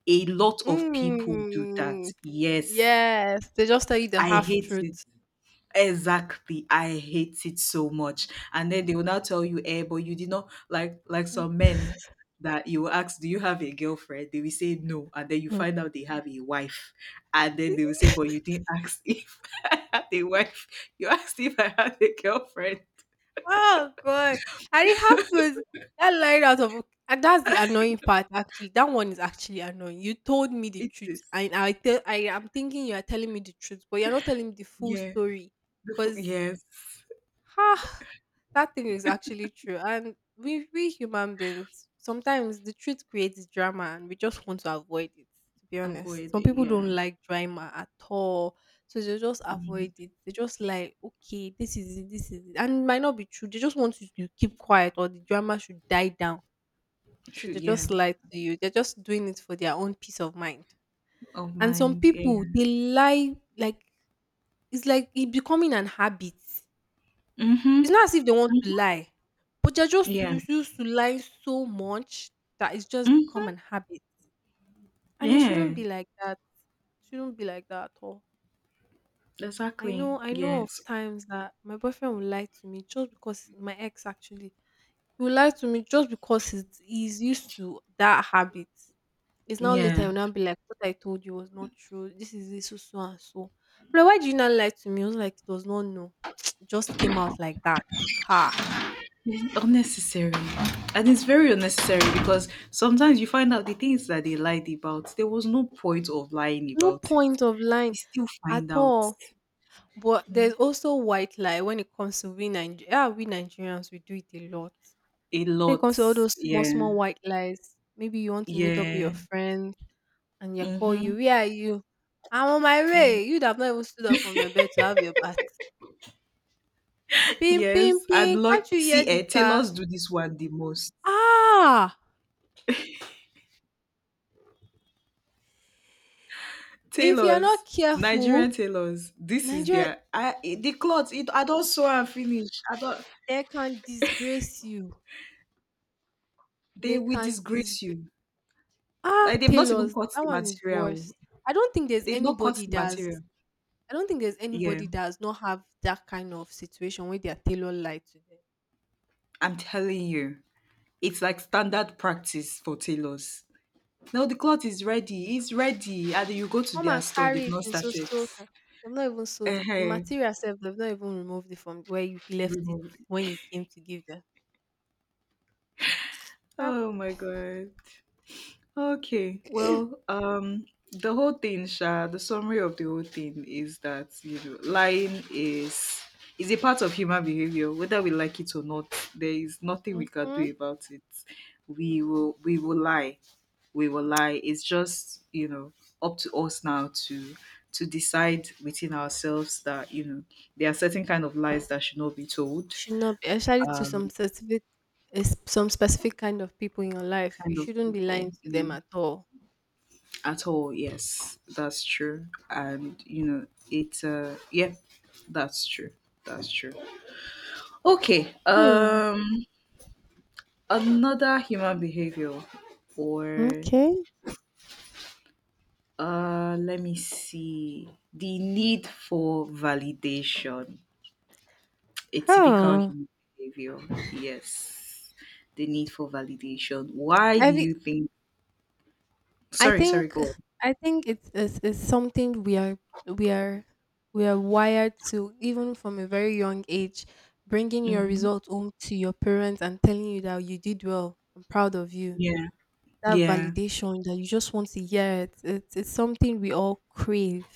S1: A lot of people do that.
S2: Mm,
S1: Yes,
S2: yes, they just tell you the
S1: I
S2: half
S1: hate it.
S2: truth.
S1: Exactly, I hate it so much. And then they will now tell you, "Eh, but you did not like
S2: Mm,
S1: some men that you will ask, do you have a girlfriend? They will say no, and then you
S2: no.
S1: find out they have a wife, and then they will say, but you didn't ask if I had a wife. You asked if I had a girlfriend."
S2: Oh God, and it happens. That line out of and that's the annoying part. Actually, that one is actually annoying. You told me the
S1: It
S2: truth,
S1: is,
S2: and I tell I am thinking you are telling me the truth, but you're not telling me the full
S1: yeah.
S2: story, because
S1: Yes,
S2: ha, that thing is actually true. And we human beings, sometimes the truth creates drama and we just want to avoid it, to be honest.
S1: avoid
S2: Some
S1: it.
S2: people
S1: Yeah.
S2: don't like drama at all. So they just
S1: Mm.
S2: avoid it. They just like, okay, this is it, this is it. And it might not be true. They just want you to keep quiet or the drama should die down. So
S1: Should
S2: they
S1: yeah.
S2: just lie to you. They're just doing it for their own peace of mind.
S1: Of
S2: And some
S1: mind. Yeah.
S2: people they lie like it's like it becoming an habit. It's
S1: Mhm.
S2: not as if they want to
S1: Mhm.
S2: lie, but they're just
S1: Yeah.
S2: used to lying so much that it's just become
S1: Mhm.
S2: an habit, and it
S1: Yeah.
S2: shouldn't be like that. Shouldn't be like that at all.
S1: Exactly.
S2: I know of
S1: Yes.
S2: times that my boyfriend will lie to me just because my ex actually, he will lie to me just because he's used to that habit. It's now later
S1: Yeah.
S2: he'll now be like, "What I told you was not true. This is this so, so and so." I'm like, "Why do you not lie to me?" He was like, "It was not known. Just came out like that." Ha!
S1: It's unnecessary. And it's very unnecessary because sometimes you find out the things that they lied about, there was no point of lying
S2: No
S1: about it.
S2: point of
S1: We
S2: line
S1: still
S2: at
S1: find out
S2: all. But there's also white lie when it comes to we Niger- ah, we Nigerians, we do it a lot.
S1: a
S2: When it
S1: lot.
S2: comes to all those small,
S1: Yeah.
S2: small white lies, maybe you want to meet up with
S1: Yeah.
S2: your friend and they call you,
S1: Mm-hmm.
S2: where are you? I'm on my way. You'd have not even stood up from your bed to have your bath. Ping, ping,
S1: Yes. And
S2: ping. Can't
S1: like
S2: you hear
S1: see
S2: the
S1: eh,
S2: car?
S1: tailors do this one the most.
S2: Ah! If you're
S1: Tailors,
S2: not
S1: Nigerian
S2: careful,
S1: tailors, this is
S2: Nigeria,
S1: their I the cloth it, I don't sew and finish I don't,
S2: they can disgrace you.
S1: they
S2: They
S1: will
S2: can
S1: disgrace
S2: disgrace
S1: you
S2: ah,
S1: like they've not even
S2: Taylor's.
S1: cut
S2: That
S1: the
S2: one is
S1: material,
S2: worse. I don't think there's
S1: they've not cut
S2: anybody
S1: the material
S2: that's I don't think there's
S1: yeah
S2: anybody that does not have that kind of situation where their tailor lied to them.
S1: I'm telling you, it's like standard practice for tailors now. The cloth is ready, it's ready, and you go to
S2: Come
S1: their
S2: and
S1: store,
S2: carry
S1: they've
S2: it
S1: not
S2: in so
S1: started.
S2: so time. They've not even sold it. The
S1: Uh-huh.
S2: material itself, they've not even removed it from where you left it
S1: Removed.
S2: when you came to give them. Ah,
S1: Oh my god. Okay, well, the whole thing, Sha, the summary of the whole thing is that lying is a part of human behavior, whether we like it or not. There is nothing we can
S2: mhm.
S1: do about it. We will lie, we will lie. It's just up to us now to decide within ourselves that there are certain kind of lies that should not be told.
S2: Should not be actually to some
S1: Um,
S2: specific some specific kind of people in your life. You
S1: kind of
S2: shouldn't be
S1: people,
S2: lying to
S1: yeah.
S2: them at all.
S1: At all, yes, that's true. And it's yeah, that's true, that's true. Okay,
S2: Hmm.
S1: another human behavior. Or
S2: Okay.
S1: let me see, the need for validation, a typical
S2: Huh.
S1: human behavior. Yes, the need for validation. Why do
S2: Every
S1: you think
S2: I
S1: sorry,
S2: think
S1: go
S2: it's something we are we are we are wired to even from a very young age, bringing
S1: on.
S2: your
S1: Hmm.
S2: result home to your parents and telling you that you did well, I'm proud of you.
S1: Yeah.
S2: That
S1: Yeah.
S2: validation that you just want to hear it, it's something we all crave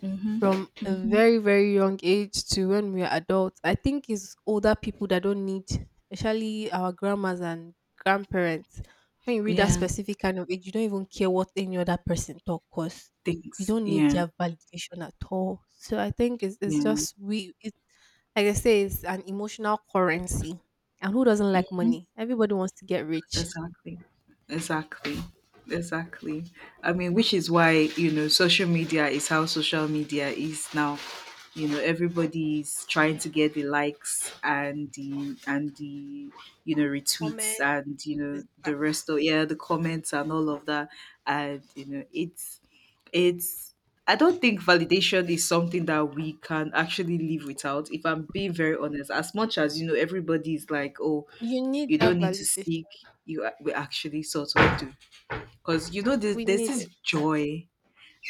S1: Hmm.
S2: from a
S1: Hmm.
S2: very very young age to when we are adults. I think it's older people that don't need, especially our grandmas and grandparents. When you reach that
S1: Yeah
S2: specific kind of age you don't even care what any other person talk, because you
S1: things.
S2: don't need
S1: Yeah.
S2: their validation at all. So I think it's
S1: Yeah,
S2: just we it's like I say, it's an emotional currency. And who doesn't like
S1: mhm,
S2: money? Everybody wants to get rich.
S1: exactly. Exactly. Exactly. I mean, which is why, social media is how social media is now. Everybody's trying to get the likes and the
S2: Comment,
S1: retweets and the rest of,
S2: exactly.
S1: yeah, the comments and all of that. And, it's I don't think validation is something that we can actually live without. If I'm being very honest, as much as everybody's like, oh,
S2: You need
S1: you
S2: that
S1: don't need to
S2: validation,
S1: seek, we actually sort of do because there's,
S2: we
S1: there's
S2: need
S1: this
S2: it.
S1: joy,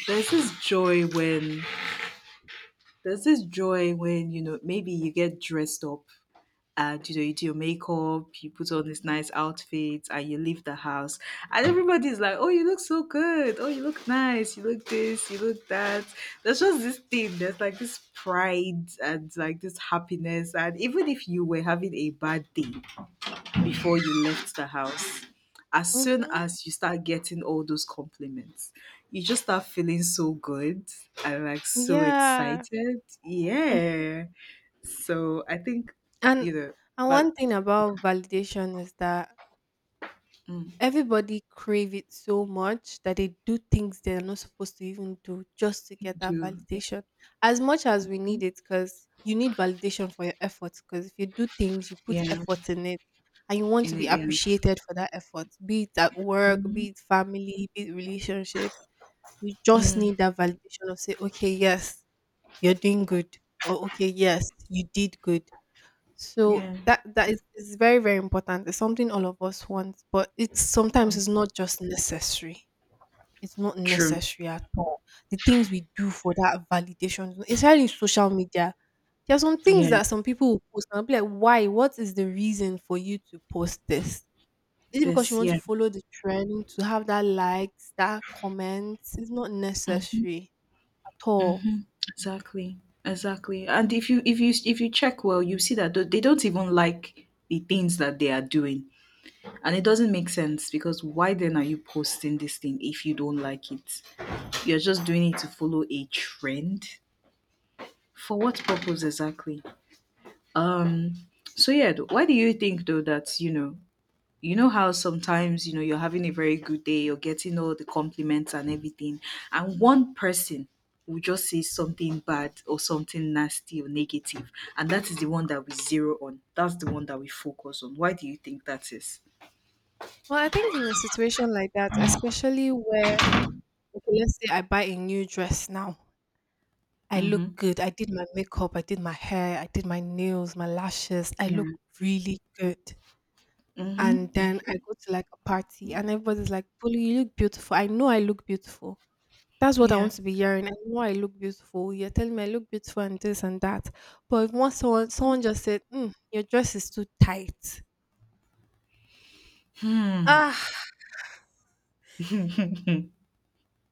S1: there's this joy when there's this joy when maybe you get dressed up and you do your makeup, you put on this nice outfit, and you leave the house, and everybody's like, oh, you look so good, oh, you look nice, you look this, you look that. There's just this thing, there's like this pride and like this happiness. And even if you were having a bad day before you left the house, as soon
S2: Hmm.
S1: as you start getting all those compliments, you just start feeling so good and like so
S2: Yeah.
S1: excited.
S2: Mhm.
S1: Yeah. So I think,
S2: And
S1: you know,
S2: and
S1: but
S2: one thing about
S1: yeah.
S2: validation is that
S1: Mm,
S2: everybody crave it so much that they do things they're not supposed to even do just to get that
S1: do, yeah,
S2: validation. As much as we need it, because you need validation for your efforts. Because if you do things, you put
S1: yeah,
S2: effort in it, and you want
S1: in
S2: to
S1: it,
S2: be
S1: yeah.
S2: appreciated for that effort, be it at work,
S1: Mhm,
S2: be it family, be it relationship. You just
S1: mm,
S2: need that validation of say, okay, yes, you're doing good, or okay, yes, you did good. So
S1: yeah,
S2: that is very, very important. It's something all of us want, but it's sometimes it's
S1: one.
S2: not just necessary. It's not
S1: True.
S2: necessary at all. The things we do for that validation, especially in social media, there are some
S1: Yeah,
S2: things that some people will post and I'll be like, why? What is the reason for you to post this? Is it because you
S1: this,
S2: want to
S1: yeah.
S2: follow the trend, to have that likes, that comments? It's not
S1: Mm-hmm.
S2: necessary at all.
S1: Mhm. Exactly, exactly. And if you if you check well, you see that they don't even like the things that they are doing, and it doesn't make sense because why then are you posting this thing if you don't like it? You're just doing it to follow a trend. For what purpose exactly? Um. So yeah, why do you think though that how sometimes you're having a very good day, you're getting all the compliments and everything, and one person will just say something bad or something nasty or negative, and that is the one that we zero on, that's the one that we focus on. Why do you think that is?
S2: Well, I think in a situation like that, especially where, okay, let's say I buy a new dress now. I
S1: Mm-hmm.
S2: look good. I did my makeup, I did my hair, I did my nails, my lashes. I
S1: Yeah.
S2: look really good.
S1: Mm-hmm.
S2: And then I
S1: Hmm.
S2: go to like a party and everybody's like, Polly, you look beautiful. I know I look beautiful. That's what I
S1: Yeah.
S2: want to be hearing. I know I look beautiful. You're telling me I look beautiful and this and that. But if once someone just said, mm, your dress is too tight.
S1: Hmm.
S2: Ah,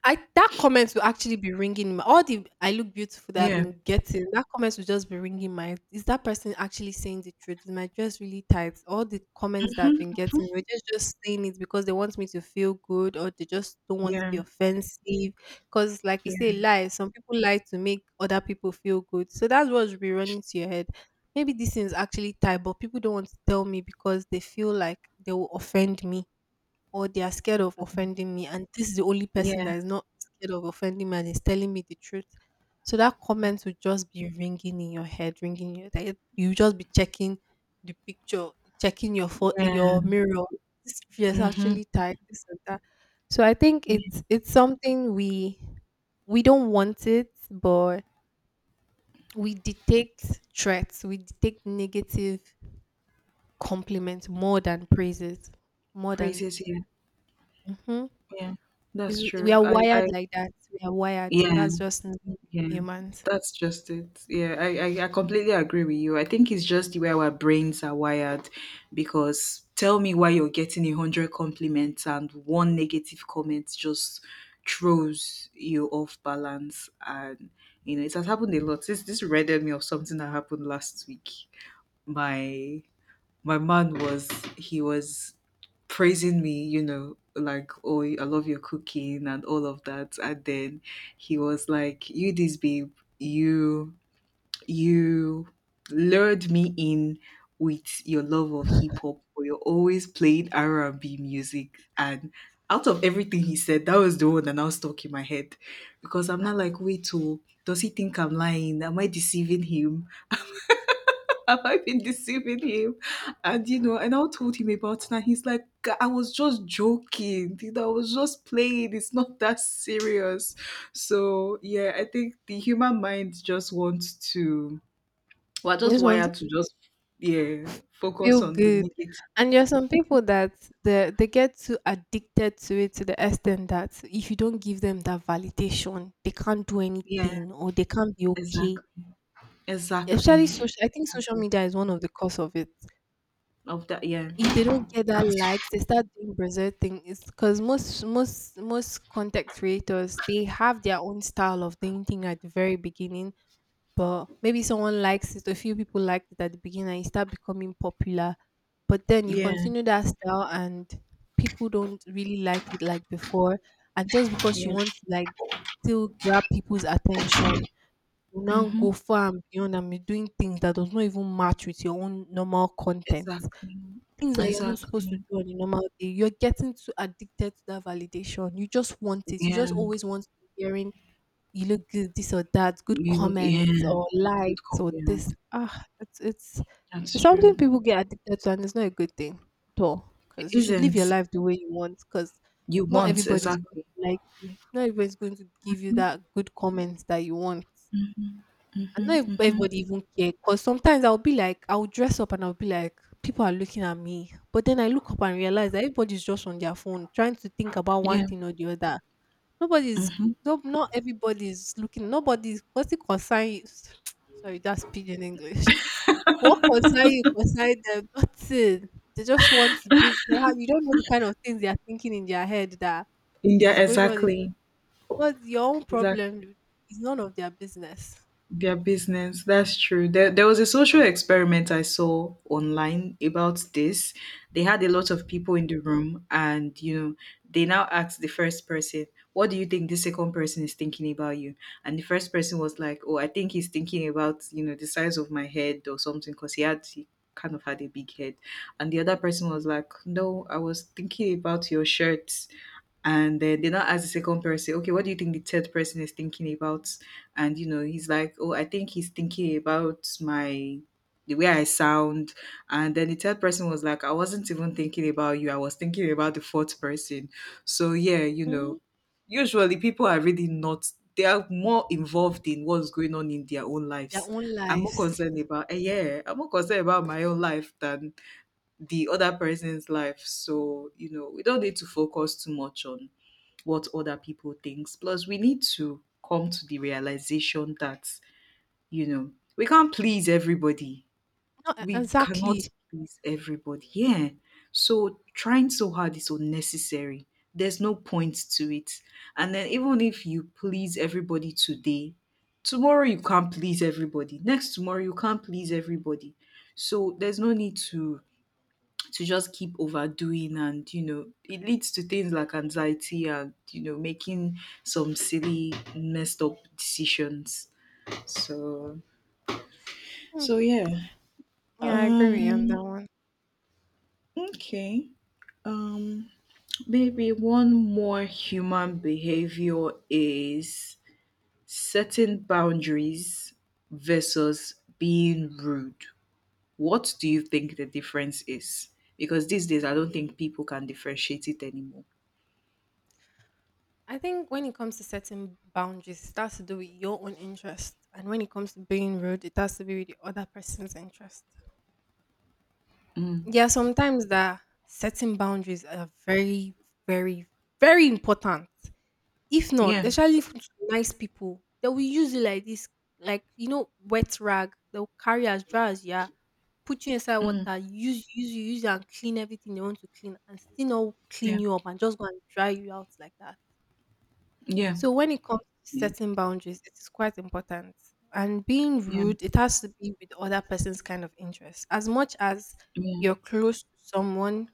S2: I that comment will actually be ringing in my all the "I look beautiful" that I've
S1: Yeah.
S2: been getting, that comment will just be ringing my "Is that person actually saying the truth? Is my dress really tight?" All the comments that I've been getting were just saying it because they want me to feel good or they just don't want to
S1: Yeah.
S2: be offensive. Cause like you say,
S1: Yeah.
S2: lie, some people lie to make other people feel good. So that's what should be running to your head. Maybe this thing is actually tight, but people don't want to tell me because they feel like they will offend me, or they are scared of offending me, and this is the only person
S1: Yeah.
S2: that is not scared of offending me and is telling me the truth. So that comment would just be ringing in your head, you just be checking the picture, checking
S1: Yeah.
S2: your mirror. This is
S1: Mm-hmm.
S2: actually tight, this and that. So I think
S1: Yeah.
S2: it's something we don't want, it but we detect threats, we detect negative compliments more than praises. More than
S1: Praises, yeah.
S2: Mhm.
S1: Yeah, that's
S2: It's, we
S1: true.
S2: are
S1: I
S2: wired like that. We are wired.
S1: yeah.
S2: That's just normal
S1: Yeah,
S2: humans.
S1: that's just it. Yeah, I completely agree with you. I think it's just the way our brains are wired because tell me why you're getting a hundred compliments and one negative comment just throws you off balance. And it has happened a lot. This reminded me of something that happened last week. My my man was, he was praising me, like, oh, I love your cooking and all of that. And then he was like, you this babe, you, you lured me in with your love of hip hop, or you're always playing R&B music. And out of everything he said, that was the one that now stuck in my head, because I'm not like, wait, oh, does he think I'm lying? Am I deceiving him? Have I been deceiving him? And and I told him about it, and he's like, I was just joking. I was just playing. It's not that serious." So yeah, I think the human mind just wants to, we're
S2: You
S1: just
S2: just want to
S1: wired to just, yeah, focus
S2: feel
S1: on the
S2: good.
S1: negative.
S2: And there are some people that they get too addicted to it, to the extent that if you don't give them that validation, they can't do
S1: Yeah,
S2: anything or they can't be okay.
S1: exactly.
S2: Especially
S1: Exactly.
S2: social, I think social media is one of the cause of it.
S1: Of that, yeah.
S2: If they don't get that likes, they start doing berserk thing. It's because most content creators, they have their own style of doing thing at the very beginning, but maybe someone likes it, a few people liked it at the beginning, and it start becoming popular. But then you
S1: Yeah,
S2: continue that style, and people don't really like it like before, and just because you
S1: yeah.
S2: want to like still grab people's attention. You now go
S1: Mm-hmm.
S2: far and beyond and be doing things that does not even match with your own normal content.
S1: Exactly.
S2: Things that you're not supposed
S1: Exactly.
S2: to do on a normal day. You're getting too addicted to that validation. You just want it. You
S1: Yeah.
S2: just always want to be hearing you look good, this or that, good
S1: You look, yeah.
S2: comments or
S1: Good
S2: likes
S1: cop,
S2: or
S1: yeah.
S2: this. Ah, it's
S1: That's
S2: it's something
S1: true.
S2: people get addicted to, and it's not a good thing at all. Because
S1: It
S2: you should live
S1: isn't.
S2: your life the way you want. Because
S1: You
S2: not
S1: want,
S2: everybody's going
S1: exactly.
S2: to like you. Not everybody's going to give you that good comments that you want. And not
S1: Mhm,
S2: if
S1: mhm.
S2: everybody even care, because sometimes I'll be like, I'll dress up and I'll be like, people are looking at me. But then I look up and realize that everybody's just on their phone trying to think about one
S1: Yeah.
S2: thing or the other. Nobody's,
S1: Hmm.
S2: no, not everybody's looking, nobody's, what's it concern you? Sorry, that's pidgin English. What concern you concern them? Nothing. They just want to be, you don't know the kind of things they are thinking in their head that
S1: India,
S2: is going on.
S1: exactly.
S2: What's your own
S1: Exactly.
S2: problem? It's none of their business.
S1: Their business, that's true. There was a social experiment I saw online about this. They had a lot of people in the room, and they now asked the first person, what do you think the second person is thinking about you? And the first person was like, oh, I think he's thinking about the size of my head or something, because he kind of had a big head. And the other person was like, no, I was thinking about your shirt. And then they now ask the second person, okay, what do you think the third person is thinking about? And he's like, oh, I think he's thinking about my, the way I sound. And then the third person was like, I wasn't even thinking about you. I was thinking about the fourth person. So yeah,
S2: Hmm?
S1: usually people are really not, they are more involved in what's going on in their own
S2: Their
S1: lives.
S2: own
S1: I'm more
S2: lives.
S1: concerned about eh, yeah, I'm more concerned about my own life than the other person's life. So, we don't need to focus too much on what other people thinks. Plus, we need to come to the realization that, you know, we can't please everybody.
S2: No,
S1: We cannot
S2: exactly.
S1: please everybody. Yeah. So trying so hard is unnecessary. There's no point to it. And then even if you please everybody today, tomorrow you can't please everybody. Next tomorrow you can't please everybody. So there's no need to just keep overdoing, and it leads to things like anxiety, and making some silly messed up decisions. So
S2: Hmm.
S1: so yeah,
S2: Yeah, I agree with you on
S1: um
S2: that one.
S1: okay, um maybe one more human behavior is setting boundaries versus being rude. What do you think the difference is? Because these days I don't think people can differentiate it anymore.
S2: I think when it comes to setting boundaries, it has to do with your own interest. And when it comes to being rude, it has to be with the other person's interest.
S1: Mm.
S2: Yeah, sometimes that setting boundaries are very, very important. If not,
S1: Yeah.
S2: especially if it's nice people, they will use it like this, like you know, wet rag. They'll carry as dry as you are, put you inside
S1: Mm,
S2: water, use you and clean everything they want to clean, and still not
S1: yeah,
S2: clean you up and just go and dry you out like that.
S1: yeah,
S2: So when it comes to
S1: yeah,
S2: setting boundaries, it is quite important. And being
S1: yeah,
S2: rude, it has to be with other person's kind of interest. As much as
S1: yeah,
S2: you're close to someone,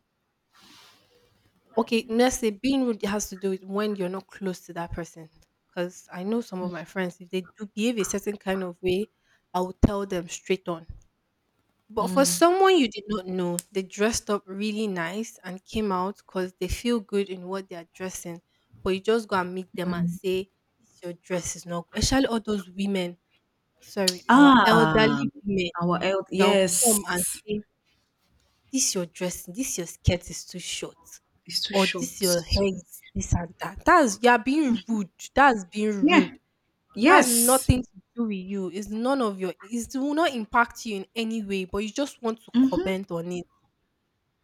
S2: okay, let's say being rude has to do with when you're not close to that person. Because I know some of my friends, if they do behave a certain kind of way, I will tell them straight on. But for
S1: mm,
S2: someone you did not know, they dressed up really nice and came out because they feel good in what they are dressing. But you just go and meet them and
S1: mm.
S2: say, "This your dress is not." Especially all those women, sorry, our
S1: Ah,
S2: elderly women,
S1: our health,
S2: they'll come and
S1: yes,
S2: say, "This your dressing, this your skirt is too short,"
S1: it's too
S2: or "This
S1: short.
S2: your hair is this and that." That's you are being rude. That's being
S1: Yeah,
S2: rude. It has
S1: yes.
S2: nothing to do with you. It's none of your, it's, it will not impact you in any way, but you just want to
S1: Mm-hmm,
S2: comment on it.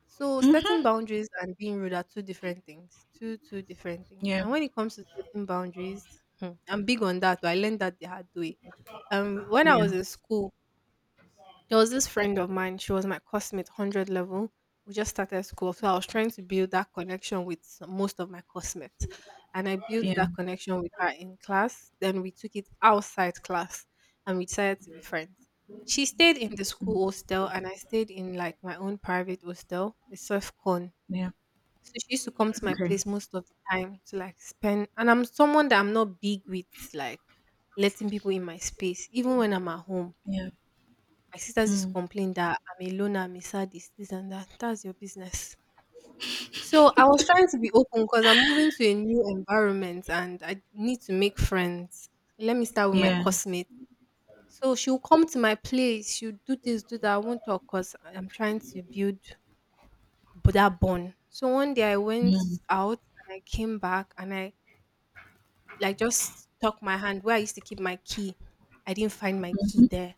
S2: So setting
S1: mm-hmm.
S2: boundaries and being rude are two different things. Two different things.
S1: Yeah,
S2: And when it comes to setting boundaries, hmm, I'm big on that. But I learned that the hard way. When I
S1: yeah,
S2: was in school, there was this friend of mine, she was my classmate, 100 level. We just started school. So I was trying to build that connection with most of my classmates. And I built
S1: yeah,
S2: that connection with her in class. Then we took it outside class, and we decided to be friends. She stayed in the school hostel and I stayed in like my own private hostel, a surf con.
S1: yeah.
S2: So she used to come to my
S1: Okay,
S2: place most of the time to like spend. And I'm someone that I'm not big with like letting people in my space, even when I'm at home.
S1: yeah,
S2: My sisters used to
S1: mm,
S2: complain that I'm a loner, I'm a sadist, this, and that. That's your business. So I was trying to be open because I'm moving to a new environment and I need to make friends. Let me start with my
S1: yeah,
S2: classmate. So she'll come to my place, she'll do this, do that. I won't talk because I'm trying to build that bond. So one day I went
S1: mm,
S2: out, and I came back and I like just tucked my hand where I used to keep my key. I didn't find my key there.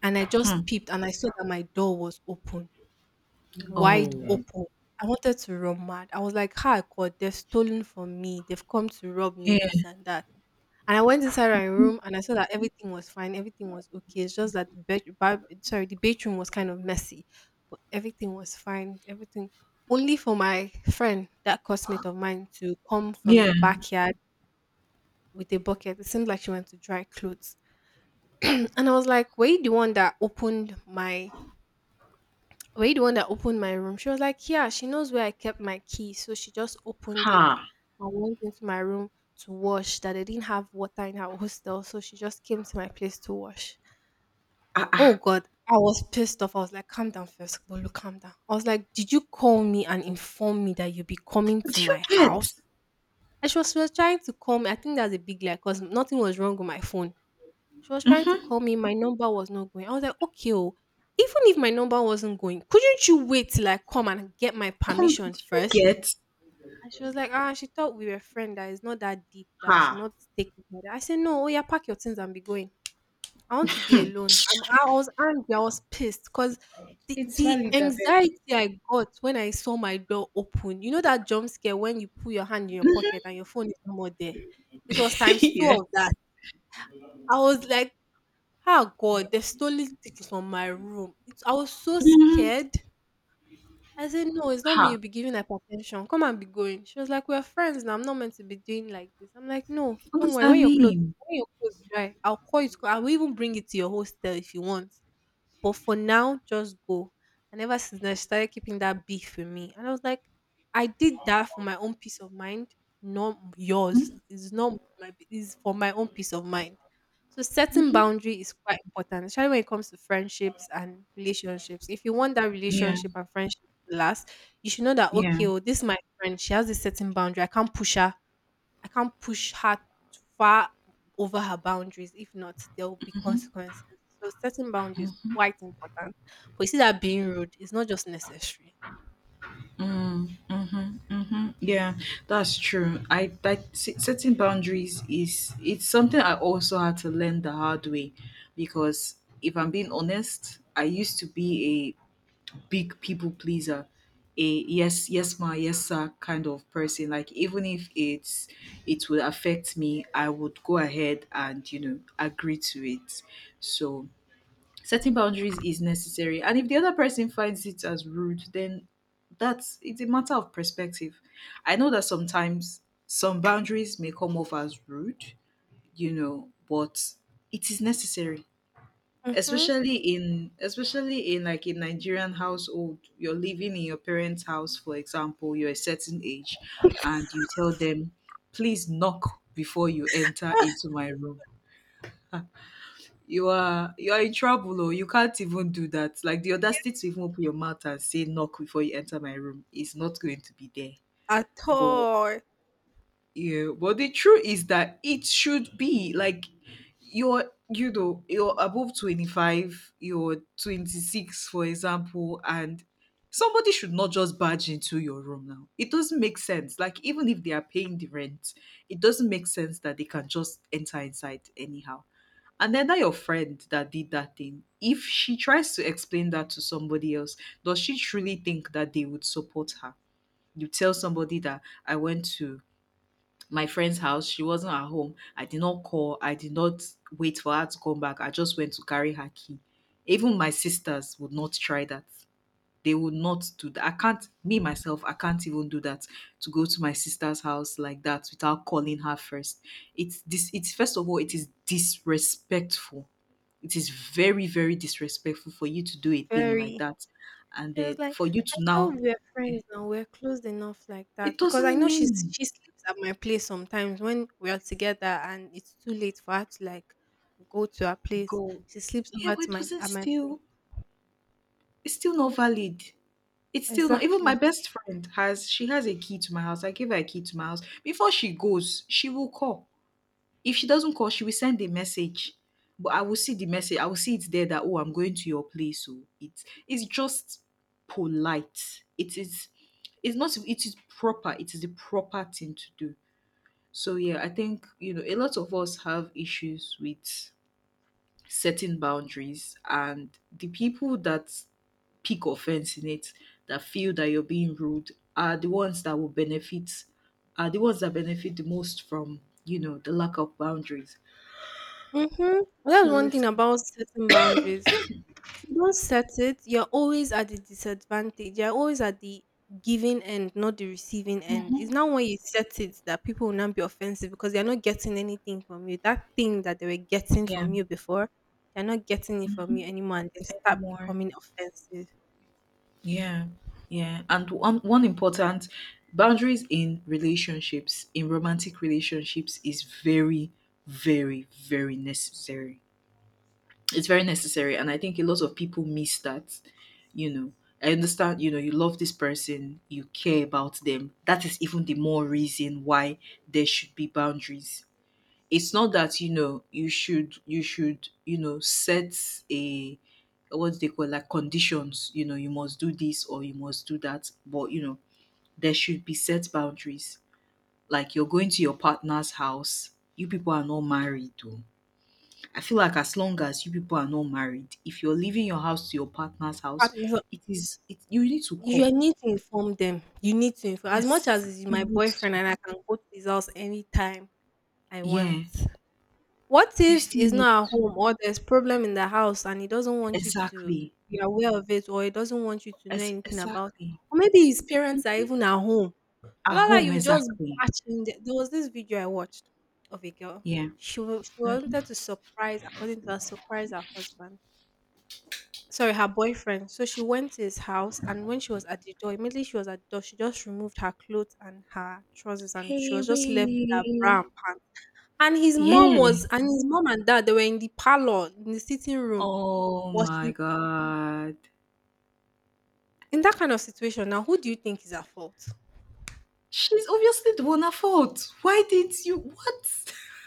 S2: And I
S1: hmm.
S2: just peeped and I saw that my door was open. Wide
S1: Oh,
S2: open. I wanted to run mad. I was like, "Hi, God, they've stolen from me. They've come to rob me,
S1: yeah,
S2: this and that." And I went inside my room and I saw that everything was fine. Everything was okay. It's just that sorry, the bedroom was kind of messy, but everything was fine. Everything, only for my friend, that classmate of mine, to come from
S1: yeah.
S2: the backyard with a bucket. It seemed like she went to dry clothes. And I was like, were you the one that opened my room?" She was like, yeah, she knows where I kept my key. So she just opened
S1: Ha,
S2: it and went into my room to wash, that they didn't have water in our hostel. So she just came to my place to wash.
S1: ah,
S2: Oh
S1: ah.
S2: God, I was pissed off. I was like, calm down first, Bolu, calm down. I was like, did you call me and inform me that you'll be coming
S1: Do
S2: to
S1: you
S2: my
S1: get?
S2: house? And she was trying to call me. I think that's a big lie because nothing was wrong with my phone. She was trying to
S1: Mm-hmm.
S2: call me, my number was not going. I was like, "Okay oh, even if my number wasn't going, couldn't you wait till I come and get my
S1: Come,
S2: permission
S1: do you
S2: first?"
S1: get?
S2: And she was like, "Ah, she thought we were friend that is not that deep that I should
S1: Ha.
S2: not take it like that." I said, "No, oh yeah, pack your things and be going. I want to be alone." I was angry, I was pissed because
S1: It's
S2: the
S1: valid, I beg.
S2: anxiety I got when I saw my door open, you know that jump scare when you put your hand in your pocket and your phone is no more there. It was times two
S1: yeah.
S2: of that. I was like, ah God, they stole things from my room. It's, I was so
S1: Mm-hmm.
S2: scared. I said, "No, it's not me
S1: Ha.
S2: you'll be giving hypertension. Come and be going." She was like, "We're friends now. I'm not meant to be doing like this." I'm like, "No,
S1: What
S2: don't
S1: does
S2: worry.
S1: that
S2: When your clothes
S1: mean?
S2: dry, I'll call you. I will even bring it to your hostel if you want. But for now, just go." And ever since then, she started keeping that beef with me. And I was like, I did that for my own peace of mind, not yours.
S1: Hmm?
S2: It's not my, it's for my own peace of mind. So setting boundary is quite important, especially when it comes to friendships and relationships. If you want that
S1: Yeah,
S2: relationship and friendship to last, you should know that
S1: yeah,
S2: okay, oh, this is my friend. She has this certain boundary. I can't push her far over her boundaries. If not, there will be consequences. So setting boundaries is quite important. But you see that being rude is not just necessary.
S1: hmm, yeah. That's true. I that setting boundaries is, it's something I also had to learn the hard way, because if I'm being honest, I used to be a big people pleaser, a yes yes ma yes sir kind of person. Like even if it's, it would affect me, I would go ahead and agree to it. So setting boundaries is necessary, and if the other person finds it as rude, then that's it's a matter of perspective. I know that sometimes some boundaries may come off as rude, you know, but it is necessary.
S2: Mm-hmm.
S1: Especially in like a Nigerian household, you're living in your parents house, for example, you're a certain age and you tell them, please knock before you enter into my room. You are in trouble. Oh, you can't even do that. Like, the audacity to even open your mouth and say knock before you enter my room is not going to be there.
S2: At
S1: But
S2: all.
S1: yeah, but the truth is that it should be like, you know, you're above 25, you're 26, for example, and somebody should not just barge into your room now. It doesn't make sense. Like, even if they are paying the rent, it doesn't make sense that they can just enter inside anyhow. And then that your friend that did that thing, if she tries to explain that to somebody else, does she truly think that they would support her? You tell somebody that I went to my friend's house. She wasn't at home. I did not call. I did not wait for her to come back. I just went to carry her key. Even my sisters would not try that. They would not do that. I can't, me myself, I can't even do that to go to my sister's house like that without calling her first. It's this, it's first of all, it is disrespectful. It is very, very disrespectful for you to do a thing like
S2: Very.
S1: that. And
S2: She was
S1: then
S2: like,
S1: for you to
S2: I thought
S1: now,
S2: we were friends now. We're close enough like
S1: it
S2: that because I
S1: doesn't
S2: know she's,
S1: mean,
S2: she sleeps at my place sometimes when we are together and it's too late for her to like go to her place.
S1: go,
S2: She sleeps
S1: yeah,
S2: over
S1: but
S2: to
S1: it
S2: my
S1: doesn't
S2: at my place.
S1: still, it's still not valid. It's still not even my
S2: Exactly.
S1: best friend has she has a key to my house. I gave her a key to my house. Before she goes, she will call. If she doesn't call, she will send a message. But I will see the message. I will see it there that, oh, I'm going to your place. So it's just polite. It's not it is proper. It is the proper thing to do. So yeah, I think, you know, a lot of us have issues with setting boundaries, and the people that peak offense in it, that feel that you're being rude, are the ones that will benefit, are the ones that benefit the most from, you know, the lack of boundaries.
S2: Mhm. Well, that's
S1: Sorry,
S2: one thing
S1: excuse-,
S2: about setting boundaries. If you don't set it, you're always at the disadvantage. You're always at the giving end, not the receiving end. It's not when you set it that people will not be offensive because they're not getting anything from you. That thing that they were getting
S1: yeah,
S2: from you before, they're not getting it from you anymore, and they start
S1: anymore,
S2: becoming offensive.
S1: yeah. Yeah, and one important, boundaries in relationships, in romantic relationships, is very, very, very necessary. It's very necessary, and I think a lot of people miss that, you know. I understand, you know, you love this person, you care about them, that is even the more reason why there should be boundaries. It's not that, you know, you should, you know, set a, what do they call, like, conditions, you know, you must do this or you must do that, but, you know, there should be set boundaries. Like, you're going to your partner's house, you people are not married though. I feel like as long as you people are not married, if you're leaving your house to your partner's house,
S2: Partners,
S1: it, you need to call.
S2: you need to inform them. You need to inform. As much as
S1: Yes,
S2: he's
S1: you
S2: my
S1: need to.
S2: boyfriend and I can go to his house anytime I want.
S1: Yeah,
S2: What
S1: you
S2: if
S1: still
S2: he's
S1: need
S2: not at
S1: to.
S2: home or there's problem in the house and he doesn't want you to
S1: Exactly.
S2: be aware of it or he doesn't want you to know
S1: As
S2: anything about,
S1: exactly.
S2: or maybe his parents are even at home. So
S1: At
S2: that's why
S1: home,
S2: you just
S1: exactly.
S2: batch in the, there was this video I watched of a girl.
S1: Yeah.
S2: She wanted to surprise, according to her, surprise her husband. Sorry, her boyfriend. So she went to his house, and when she was at the door, immediately she was at the door, she just removed her clothes and her trousers, and she
S1: Hey,
S2: was just left with her bra
S1: we.
S2: and pants.
S1: Yeah.
S2: And his mom and dad, they were in the parlor, in the sitting room
S1: Oh
S2: watching
S1: my
S2: TV.
S1: God.
S2: In that kind of situation, now who do you think is at fault?
S1: She's obviously the one at fault. Why did you? What?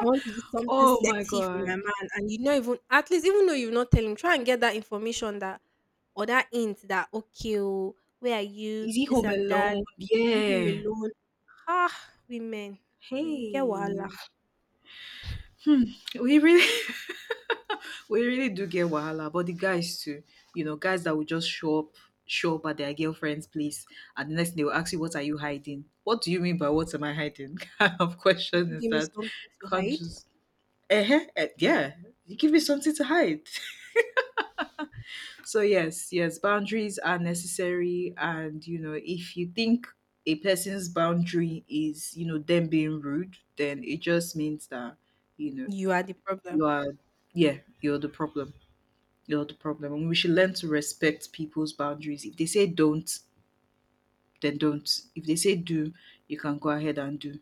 S2: I want to do something
S1: Oh my
S2: sexy for my
S1: God.
S2: man, and you not even at least even though you not tell him, try and get that information that or that hint that okay, oh, where are you?
S1: Is he
S2: This
S1: home
S2: and that.
S1: alone?
S2: Are you home
S1: Yeah.
S2: alone? Ah, women, we get wahala.
S1: Hey. Hmm, we really we really do get wahala, but the guys too, you know, guys that will just show up at their girlfriend's place, and the next thing they will ask you, what are you hiding? What do you mean by what am I hiding? kind of
S2: If
S1: question
S2: you
S1: is
S2: give me
S1: that,
S2: something to
S1: can't
S2: hide,
S1: just, eh, eh, yeah. You give me something to hide. So yes, yes, boundaries are necessary, and you know, if you think a person's boundary is, you know, them being rude, then it just means that, you know,
S2: you are the problem.
S1: you are, yeah, you're the problem. You're the problem. And we should learn to respect people's boundaries. If they say don't, then don't. If they say do, you can go ahead and do.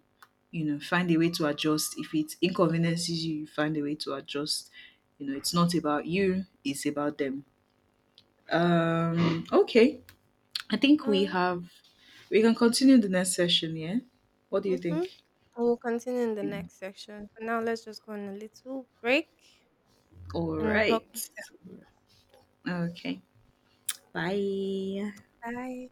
S1: You know, find a way to adjust. If it inconveniences you, you find a way to adjust. You know, it's not about you, it's about them. Okay. I think we
S2: Um,
S1: have we can continue the next session, yeah? What do you think?
S2: Mhm. We'll continue in the
S1: Yeah.
S2: next section. For now, let's just go on a little break
S1: All
S2: and we'll talk
S1: right.
S2: later.
S1: Okay. Bye.
S2: Bye.